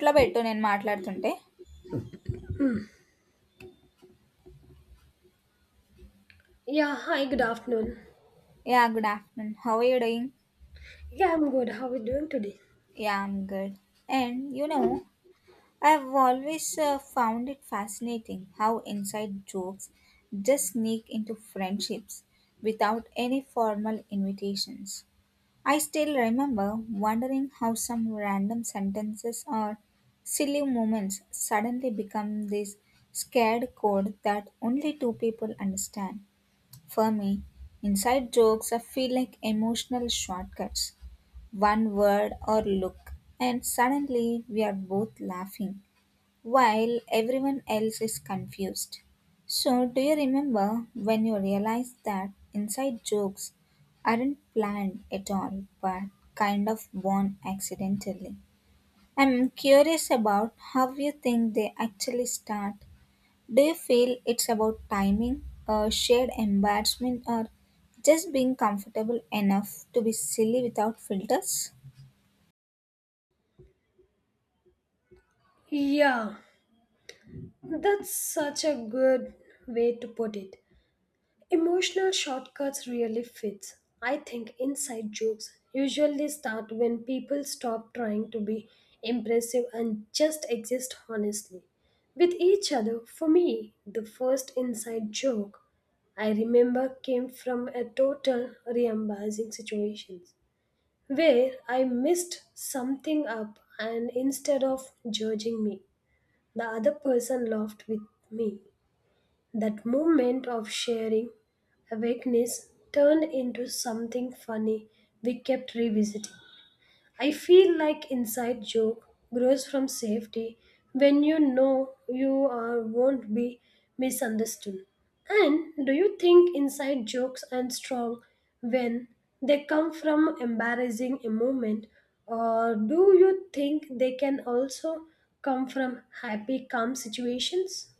ఇట్లా పెట్టు నేను మాట్లాడుతుంటే. Yeah, hi, good afternoon. "Yeah! Good afternoon. How are you doing?" Yeah, I'm good. How are you doing today? "Yeah! I'm good. And you know, I have always found it fascinating how inside jokes just sneak into friendships without any formal invitations. I still remember wondering how some random sentences or silly moments suddenly become this scared code that only two people understand. For me, inside jokes are feel like emotional shortcuts. One word or look, and suddenly we are both laughing while everyone else is confused. So, do you remember when you realized that inside jokes aren't planned at all but kind of born accidentally? I'm curious about how you think they actually start. Do you feel it's about timing, shared embarrassment, or just being comfortable enough to be silly without filters? Yeah, that's such a good way to put it. Emotional shortcuts really fits. I think inside jokes usually start when people stop trying to be impressive and just exist honestly with each other. For me, the first inside joke I remember came from a total re-embarrassing situation. Where I missed something up, and instead of judging me, the other person laughed with me. That moment of sharing awakeness turned into something funny we kept revisiting. I feel like inside joke grows from safety when you know you are won't be misunderstood. And do you think inside jokes are strong when they come from embarrassing a moment, or do you think they can also come from happy calm situations?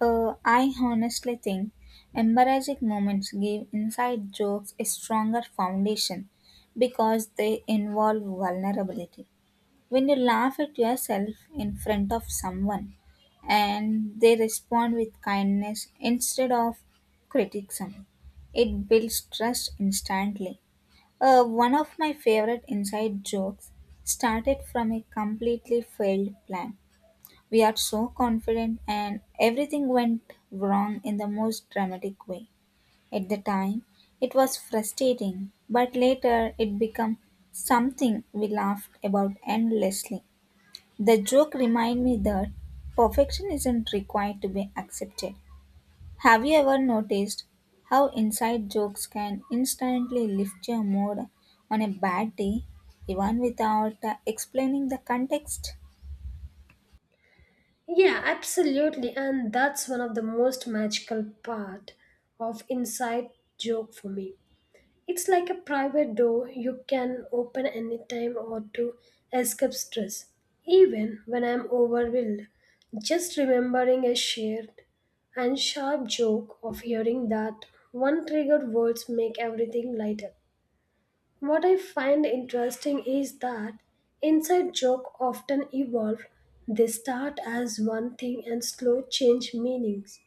I honestly think embarrassing moments give inside jokes a stronger foundation because they involve vulnerability. When you laugh at yourself in front of someone and they respond with kindness instead of criticism, it builds trust instantly. One of my favorite inside jokes started from a completely failed plan. We are so confident, and everything went wrong in the most dramatic way. At the time, it was frustrating, but later it became something we laughed about endlessly. The joke reminded me that perfection isn't required to be accepted. Have you ever noticed how inside jokes can instantly lift your mood on a bad day, even without explaining the context? Yeah, absolutely, and that's one of the most magical part of inside joke for me. It's like a private door you can open anytime or to escape stress. Even when I'm overwhelmed, just remembering a shared and sharp joke of hearing that one triggered words make everything lighter. What I find interesting is that inside joke often evolve. They start as one thing and slow change meanings.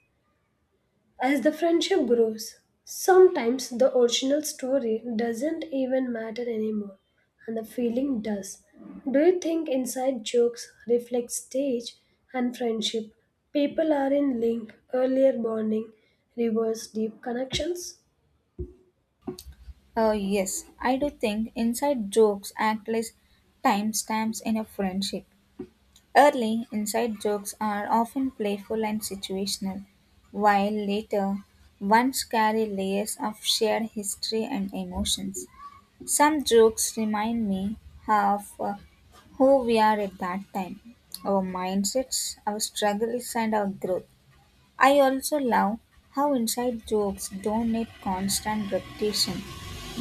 As the friendship grows, sometimes the original story doesn't even matter anymore, and the feeling does. Do you think inside jokes reflect stage and friendship? People are in link, earlier bonding, reverse deep connections? Oh, yes, I do think inside jokes act as timestamps in a friendship. Early inside jokes are often playful and situational, while later ones carry layers of shared history and emotions. Some jokes remind me of who we are at that time, our mindsets, our struggles, and our growth. I also love how inside jokes don't need constant repetition,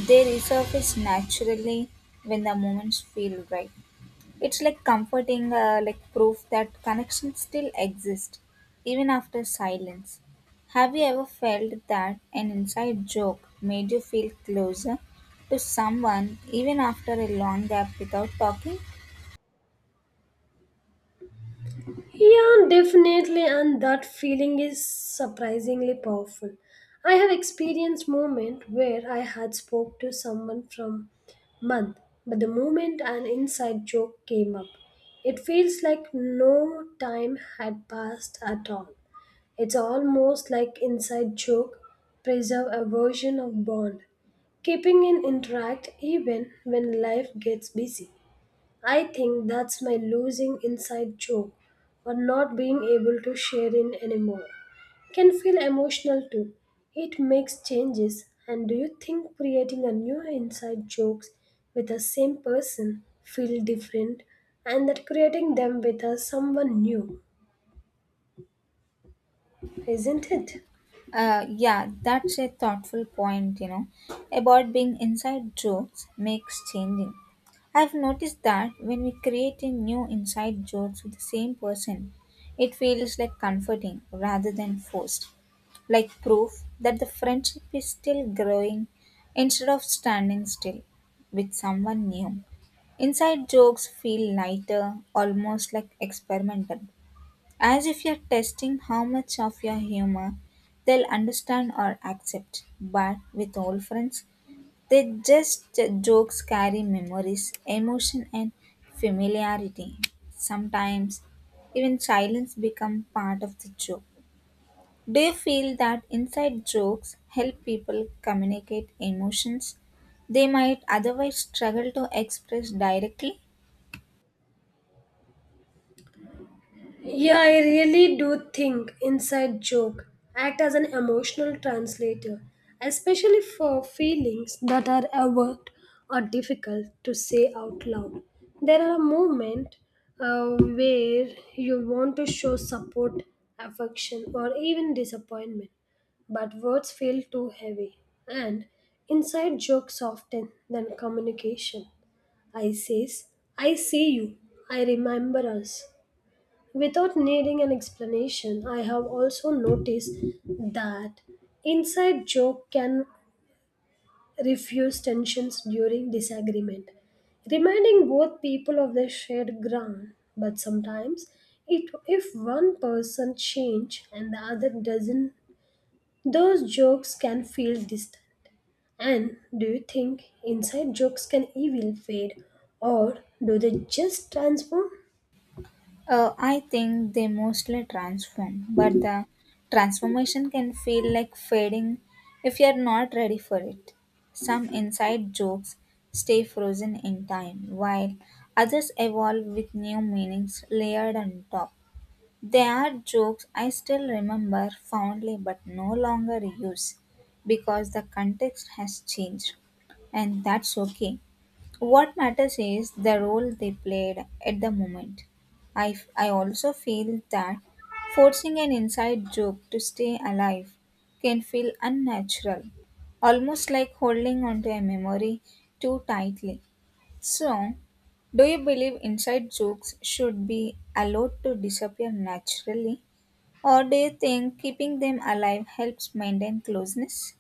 they resurface naturally when the moments feel right. It's like comforting, like proof that connection still exists, even after silence. Have you ever felt that an inside joke made you feel closer to someone even after a long gap without talking? Yeah, definitely, and that feeling is surprisingly powerful. I have experienced moment where I had spoke to someone from month, but the moment an inside joke came up, it feels like no time had passed at all. It's almost like inside joke preserve a version of bond, keeping in interact even when life gets busy. I think that's my losing inside joke or not being able to share in anymore. Can feel emotional too. It makes changes. And do you think creating a new inside jokes with the same person feel different and that creating them with a someone new? Isn't it? Yeah, that's a thoughtful point, you know, about being inside jokes makes changing. I've noticed that when we create a new inside jokes with the same person, it feels like comforting rather than forced, like proof that the friendship is still growing instead of standing still with someone new. Inside jokes feel lighter, almost like experimental. As if you're testing how much of your humor they'll understand or accept. But with old friends, they just jokes carry memories, emotion, and familiarity. Sometimes even silence become part of the joke. Do you feel that inside jokes help people communicate emotions they might otherwise struggle to express directly? Yeah, I really do think inside joke act as an emotional translator, especially for feelings that are overt or difficult to say out loud. There are a moment where you want to show support, affection, or even disappointment, but words feel too heavy, and inside jokes often than communication. I says, I see you, I remember us without needing an explanation. I have also noticed that inside joke can refuse tensions during disagreement, reminding both people of their shared ground. But sometimes, it, if one person change and the other doesn't, those jokes can feel distant. And do you think inside jokes can even fade, or do they just transform? I think they mostly transform, but the transformation can feel like fading if you're not ready for it. Some inside jokes stay frozen in time, while others evolve with new meanings layered on top. There are jokes I still remember fondly but no longer use because the context has changed, and that's okay. What matters is the role they played at the moment. I also feel that forcing an inside joke to stay alive can feel unnatural, almost like holding onto a memory too tightly. So, do you believe inside jokes should be allowed to disappear naturally, or do you think keeping them alive helps maintain closeness?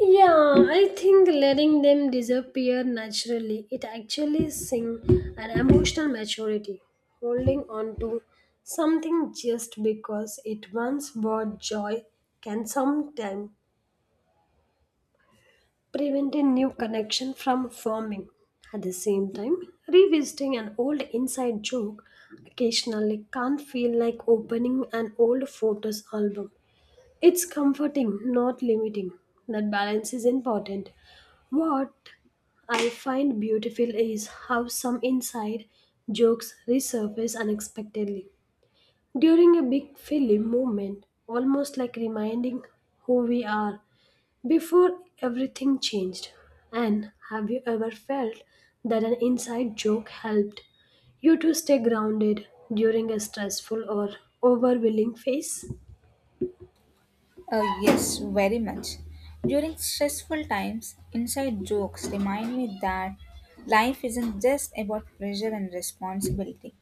Yeah, I think letting them disappear naturally, it actually sing an emotional maturity, holding on to something just because it once brought joy can sometimes prevent a new connection from forming. At the same time, revisiting an old inside joke occasionally can't feel like opening an old photos album. It's comforting, not limiting. That balance is important. What I find beautiful is how some inside jokes resurface unexpectedly during a big film moment, almost like reminding who we are before everything changed. And have you ever felt that an inside joke helped you to stay grounded during a stressful or overwhelming phase? Yes, very much. During stressful times, inside jokes remind me that life isn't just about pressure and responsibility.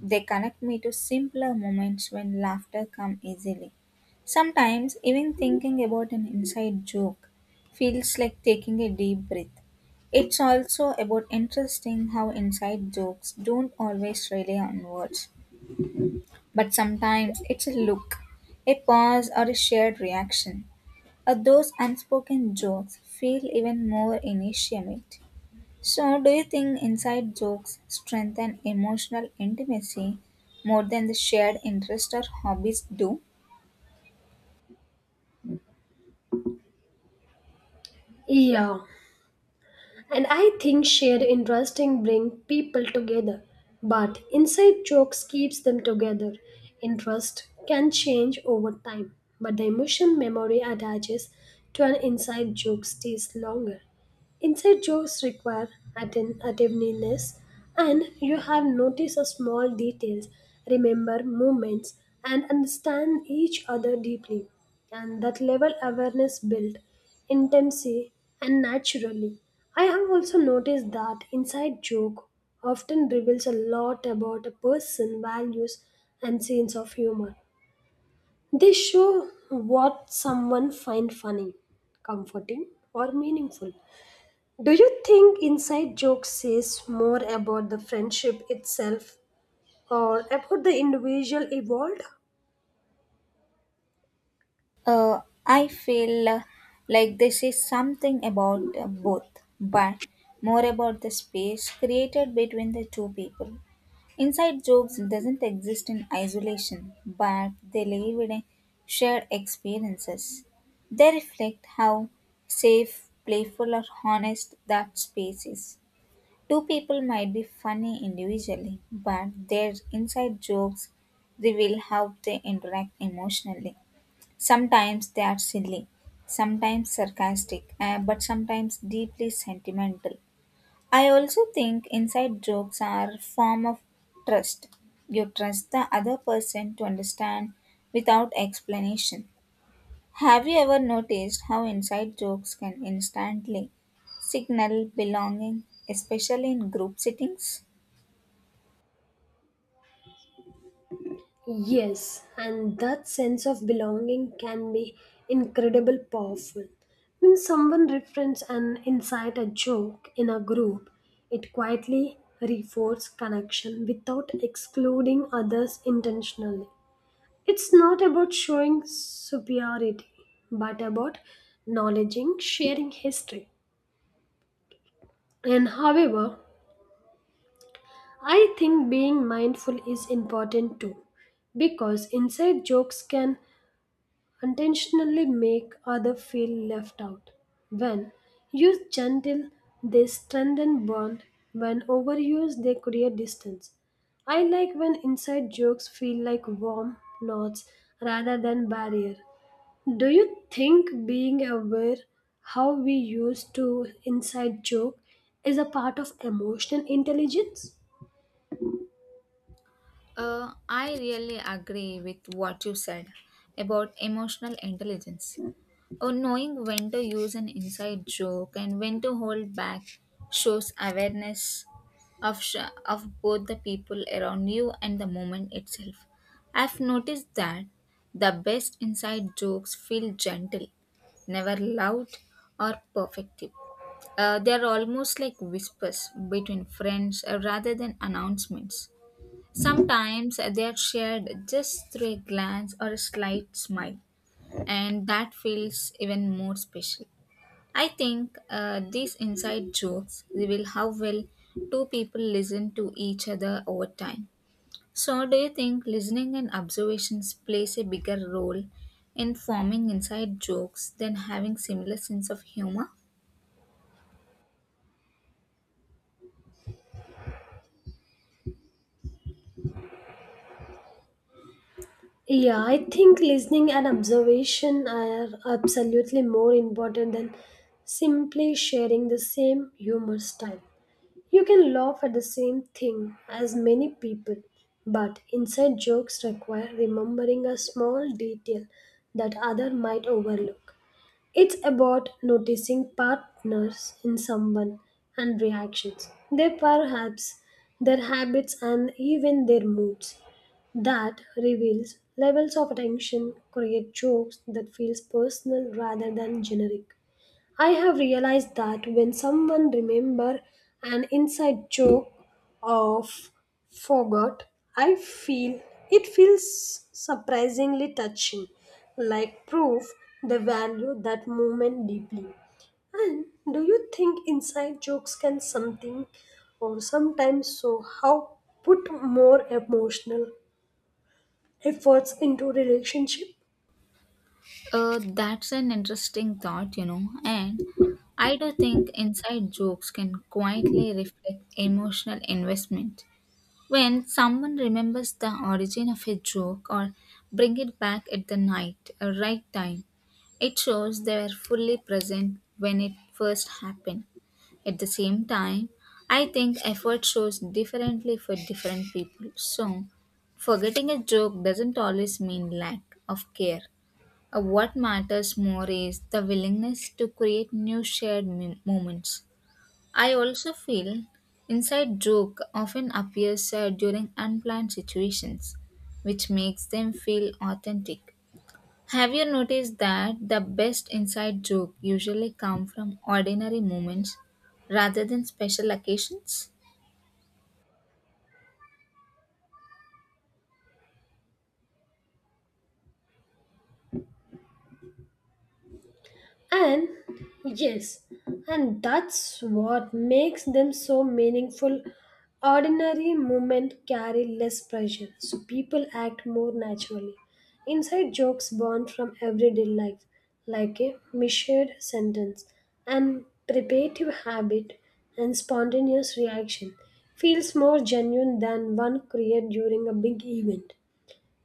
They connect me to simpler moments when laughter comes easily. Sometimes, even thinking about an inside joke feels like taking a deep breath. It's also about interesting how inside jokes don't always rely on words, but sometimes it's a look, a pause, or a shared reaction. At those unspoken jokes feel even more intimate. So, do you think inside jokes strengthen emotional intimacy more than the shared interest or hobbies do? Yeah, and I think shared interesting bring people together, but inside jokes keeps them together. Interest can change over time, but the emotion memory attaches to an inside joke stays longer. Inside jokes require attentiveness, and you have noticed the small details, remember movements, and understand each other deeply. And that level awareness built intensely and naturally. I have also noticed that inside joke often reveals a lot about a person's values and sense of humor. They show what someone finds funny, comforting, or meaningful. Do you think inside jokes says more about the friendship itself or about the individual involved? I feel like this is something about both, but more about the space created between the two people. Inside jokes doesn't exist in isolation, but they live in a shared experiences. They reflect how safe, playful, or honest that space is. Two people might be funny individually, but their inside jokes reveal how they interact emotionally. Sometimes they are silly, sometimes sarcastic, but sometimes deeply sentimental. I also think inside jokes are form of trust. You trust the other person to understand without explanation. Have you ever noticed how inside jokes can instantly signal belonging, especially in group settings? Yes, and that sense of belonging can be incredibly powerful. When someone references an inside a joke in a group, it quietly reinforces connection without excluding others intentionally. It's not about showing superiority, but about acknowledging sharing history. And however, I think being mindful is important too, because inside jokes can intentionally make other feel left out. When used gentle, they strengthen bond. When overused, they create distance. I like when inside jokes feel like warm knots rather than barrier. Do you think being aware how we used to inside joke is a part of emotional intelligence? I really agree with what you said about emotional intelligence. Or knowing when to use an inside joke and when to hold back shows awareness of both the people around you and the moment itself. I've noticed that the best inside jokes feel gentle, never loud or perfective. They are almost like whispers between friends rather than announcements. Sometimes they are shared just through a glance or a slight smile and that feels even more special. I think these inside jokes reveal how well two people listen to each other over time. So, do you think listening and observations plays a bigger role in forming inside jokes than having similar sense of humor? Yeah, I think listening and observation are absolutely more important than simply sharing the same humor style. You can laugh at the same thing as many people, but inside jokes require remembering a small detail that other might overlook. It's about noticing partners in someone and reactions, their perhaps, their habits, and even their moods. That reveals levels of attention, create jokes that feels personal rather than generic. I have realized that when someone remember an inside joke of forgot, I feel it feels surprisingly touching, like proof they value that moment deeply. And do you think inside jokes can something or sometimes so how put more emotional efforts into relationship? That's an interesting thought, you know, and I do think inside jokes can quietly reflect emotional investment. When someone remembers the origin of a joke or bring it back at the night a right time, it shows they were fully present when it first happened. At the same time, I think effort shows differently for different people. So, forgetting a joke doesn't always mean lack of care. What matters more is the willingness to create new shared moments. I also feel inside joke often appears during unplanned situations, which makes them feel authentic. Have you noticed that the best inside joke usually come from ordinary moments rather than special occasions? And yes, and that's what makes them so meaningful. Ordinary movement carry less pressure, so people act more naturally. Inside jokes born from everyday life, like a measured sentence, and preparative habit and spontaneous reaction feels more genuine than one created during a big event.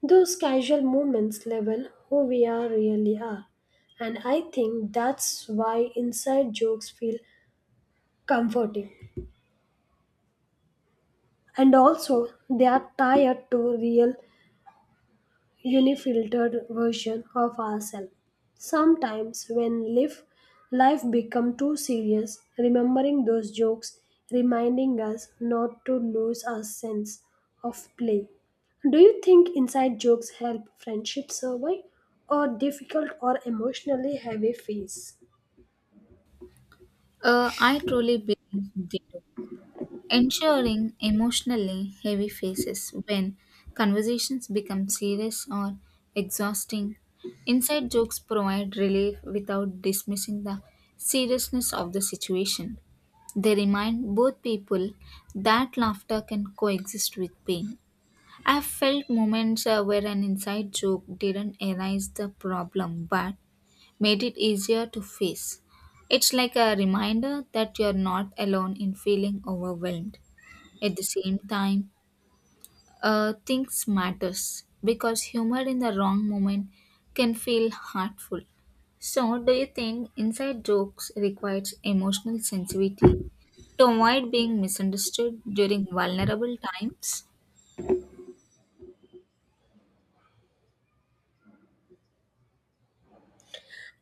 Those casual moments level who we are really are, and I think that's why inside jokes feel comforting. And also, they are tied to real unfiltered version of ourselves. Sometimes when life become too serious, remembering those jokes reminding us not to lose our sense of play. Do you think inside jokes help friendship survive or difficult or emotionally heavy phase? I truly believe they do. Ensuring emotionally heavy phases when conversations become serious or exhausting. Inside jokes provide relief without dismissing the seriousness of the situation. They remind both people that laughter can coexist with pain. I've felt moments where an inside joke didn't erase the problem but made it easier to face. It's like a reminder that you're not alone in feeling overwhelmed. At the same time, things matters because humor in the wrong moment can feel hurtful. So, do you think inside jokes requires emotional sensitivity to avoid being misunderstood during vulnerable times?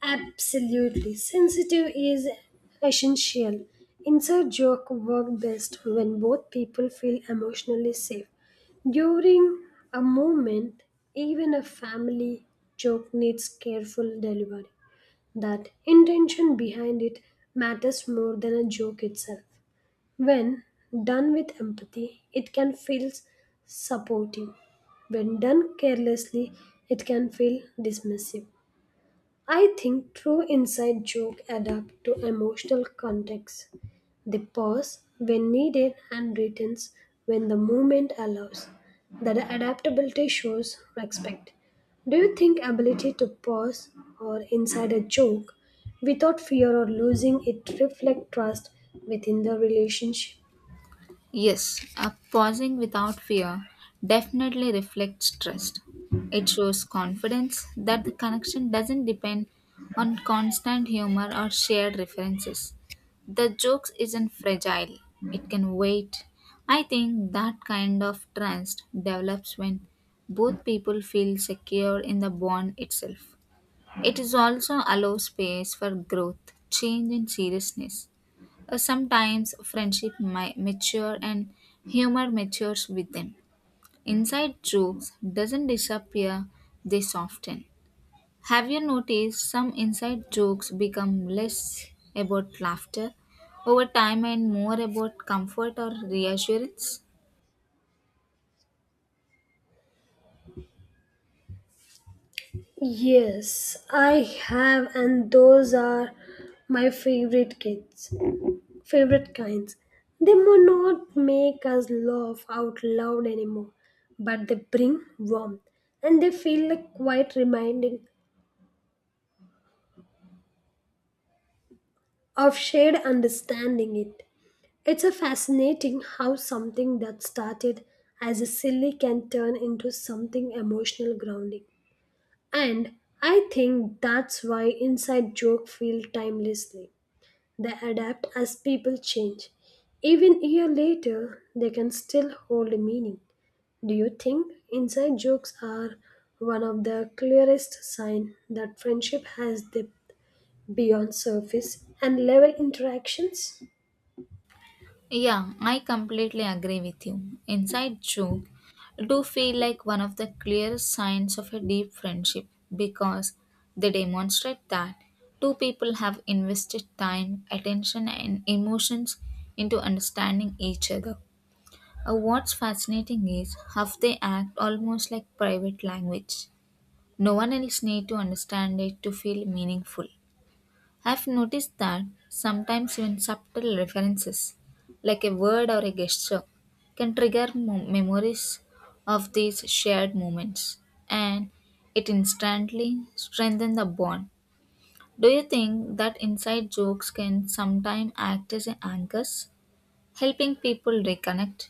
Absolutely. Sensitive is essential. Inside joke work best when both people feel emotionally safe. During a moment, even a family joke needs careful delivery. That intention behind it matters more than a joke itself. When done with empathy, it can feel supporting. When done carelessly, it can feel dismissive. I think true inside joke adapt to emotional context. They pause when needed and returns when the moment allows. That adaptability shows respect. Do you think ability to pause or inside a joke without fear or losing it reflect trust within the relationship? Yes, a pausing without fear definitely reflects trust. It shows confidence that the connection doesn't depend on constant humor or shared references. The jokes isn't fragile, it can wait. I think that kind of trust develops when both people feel secure in the bond itself. It is also allows space for growth, change and seriousness. Sometimes friendship might mature and humor matures with them. Inside jokes doesn't disappear, they soften. Have you noticed some inside jokes become less about laughter over time and more about comfort or reassurance? Yes, I have, and those are my favorite kids. Favorite kinds. They may not make us laugh out loud anymore, but they bring warmth and they feel like quite reminding of shared understanding it. It's a fascinating how something that started as a silly can turn into something emotional grounding. And I think that's why inside joke feel timelessly. They adapt as people change. Even a year later, they can still hold a meaning. Do you think inside jokes are one of the clearest signs that friendship has depth beyond surface and level interactions? Yeah, I completely agree with you. Inside joke do feel like one of the clearest signs of a deep friendship because they demonstrate that two people have invested time, attention, and emotions into understanding each other. What's fascinating is how they act almost like private language. No one else need to understand it to feel meaningful. I've noticed that sometimes even subtle references, like a word or a gesture, can trigger memories of these shared moments and it instantly strengthens the bond. Do you think that inside jokes can sometimes act as anchors, helping people reconnect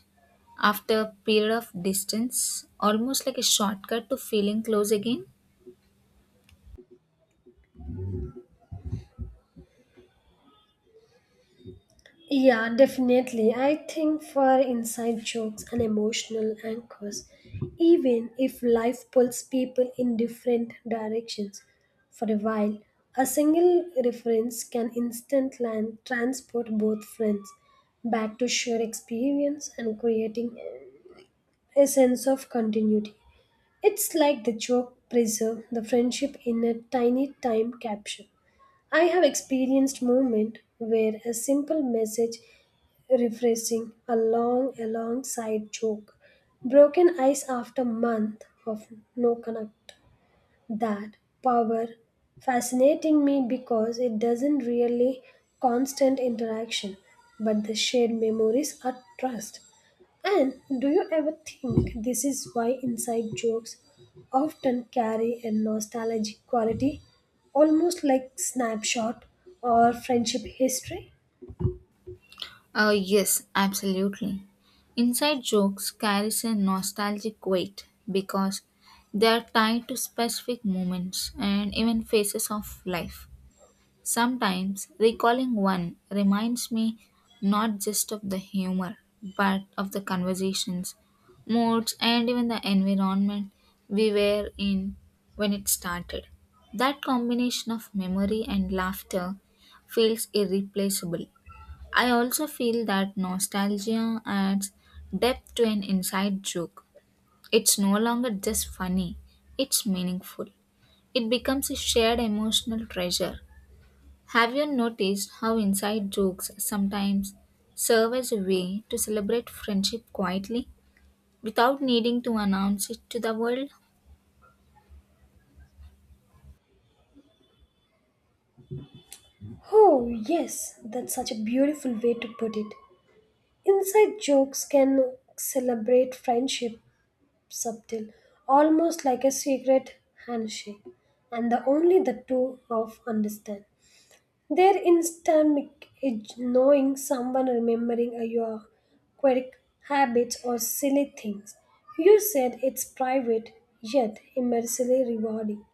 after a period of distance, almost like a shortcut to feeling close again? Yeah, definitely. I think for inside jokes and emotional anchors, even if life pulls people in different directions for a while, a single reference can instantly land transport both friends back to shared experience and creating a sense of continuity. It's like the joke preserve the friendship in a tiny time capsule. I have experienced moment where a simple message refreshing a long alongside joke broken ice after month of no connect. That power fascinating me because it doesn't really constant interaction but the shared memories are trust. And do you ever think this is why inside jokes often carry a nostalgic quality, almost like snapshot or friendship history? Yes, absolutely. Inside jokes carries a nostalgic weight because they are tied to specific moments and even phases of life. Sometimes recalling one reminds me not just of the humor but of the conversations, moods, and even the environment we were in when it started. That combination of memory and laughter feels irreplaceable. I also feel that nostalgia adds depth to an inside joke. It's no longer just funny, it's meaningful. It becomes a shared emotional treasure. Have you noticed how inside jokes sometimes serve as a way to celebrate friendship quietly without needing to announce it to the world? Oh, yes, that's such a beautiful way to put it. Inside jokes can celebrate friendship subtle, almost like a secret handshake, and the only the two of understand. Their instant edge, knowing someone remembering a- your quirk, habits, or silly things. You said it's private, yet immensely rewarding.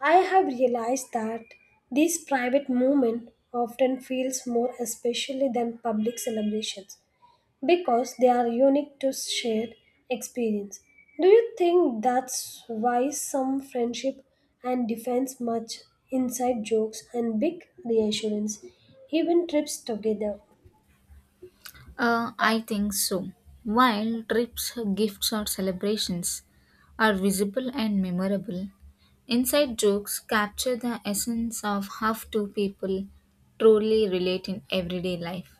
I have realized that this private moment often feels more especially than public celebrations because they are unique to shared experience. Do you think that's why some friendship and defense much inside jokes and big reassurance, even trips together? I think so. While trips, gifts, or celebrations are visible and memorable, inside jokes capture the essence of how two people truly relate in everyday life.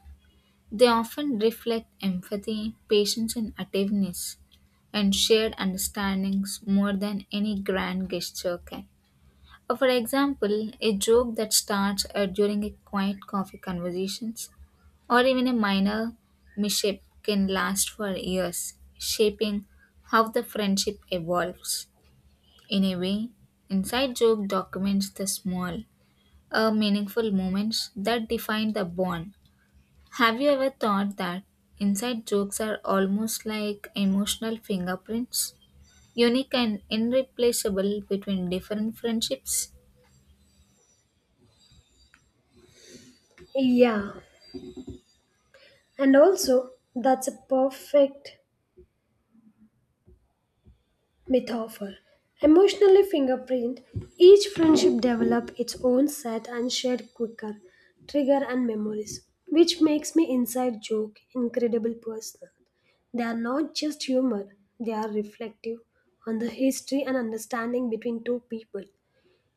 They often reflect empathy, patience, and attentiveness, and shared understandings more than any grand gesture can. For example, a joke that starts during a quiet coffee conversation or even a minor mishap can last for years, shaping how the friendship evolves. In a way, Inside Joke documents the small, meaningful moments that define the bond. Have you ever thought that inside jokes are almost like emotional fingerprints, unique and irreplaceable between different friendships? Yeah, and also that's a perfect myth offer. Emotionally fingerprint, each friendship develop its own set and shared quicker, trigger and memories, which makes me inside joke incredible personal. They are not just humor, they are reflective on the history and understanding between two people.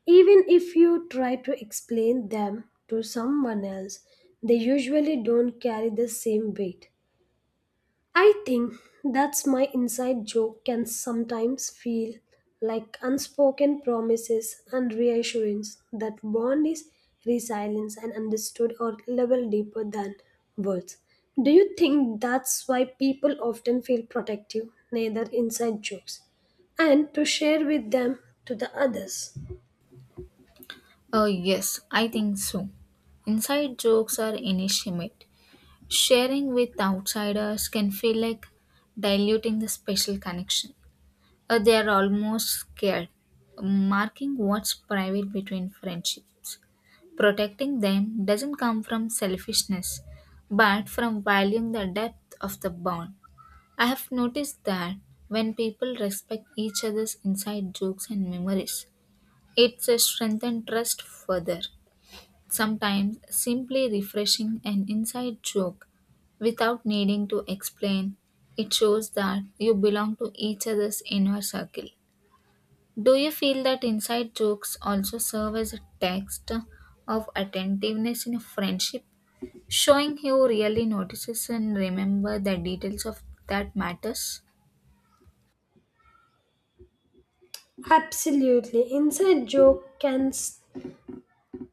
Even if you try to explain them to someone else, they usually don't carry the same weight. I think that's my inside joke can sometimes feel like unspoken promises and reassurance that bond is resilience and understood or level deeper than words. Do you think that's why people often feel protective, neither inside jokes, and to share with them to the others? Oh, yes, I think so. Inside jokes are inanimate. Sharing with outsiders can feel like diluting the special connection. They are almost scared, marking what's private between friendships. Protecting them doesn't come from selfishness, but from valuing the depth of the bond. I have noticed that when people respect each other's inside jokes and memories, it strengthens trust further. Sometimes simply refreshing an inside joke without needing to explain. It shows that you belong to each other's inner circle. Do you feel that inside jokes also serve as a text of attentiveness in a friendship, showing who really notices and remember the details of that matters? Absolutely. Inside joke can s-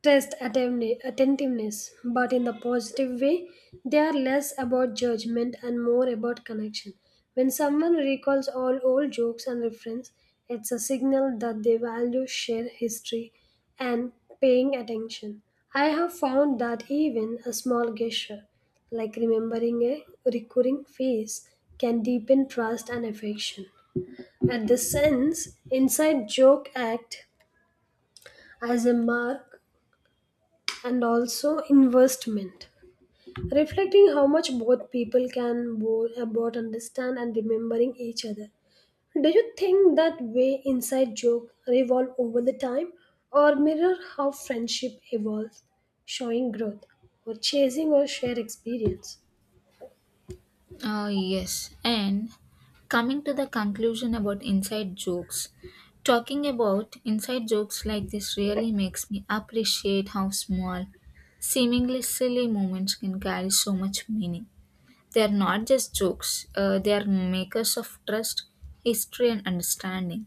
test attentiveness, but in the positive way, they are less about judgment and more about connection. When someone recalls all old jokes and references, it's a signal that they value shared history and paying attention. I have found that even a small gesture, like remembering a recurring face, can deepen trust and affection. At the sense, inside joke act as a mark and also investment reflecting how much both people can both understand and remembering each other. Do you think that way inside joke revolve over the time or mirror how friendship evolves, showing growth or chasing or share experience? Yes, and coming to the conclusion about inside jokes, talking about inside jokes like this really makes me appreciate how small, seemingly silly moments can carry so much meaning. They are not just jokes, they are makers of trust, history, and understanding.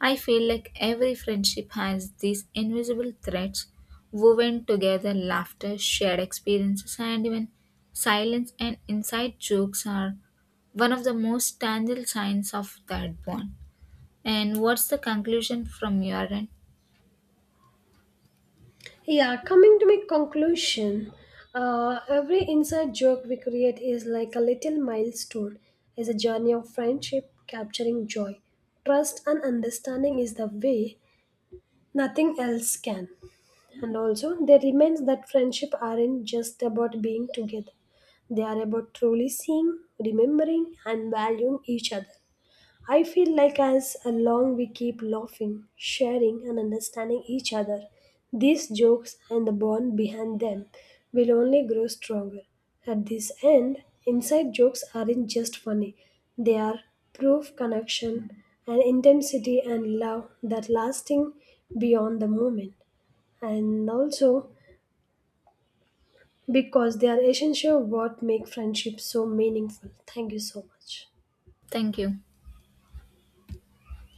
I feel like every friendship has these invisible threads woven together laughter, shared experiences, and even silence and inside jokes are one of the most tangible signs of that bond. And what's the conclusion from your end? Yeah, coming to my conclusion, every inside joke we create is like a little milestone, is a journey of friendship, capturing joy. Trust and understanding is the way nothing else can. And also, there remains that friendship aren't just about being together, they are about truly seeing, remembering, and valuing each other. I feel like as long we keep laughing, sharing, and understanding each other, these jokes and the bond behind them will only grow stronger. At this end, inside jokes aren't just funny, they are proof connection and intensity and love that lasting beyond the moment. And also because they are essential what make friendship so meaningful. Thank you so much. Thank you.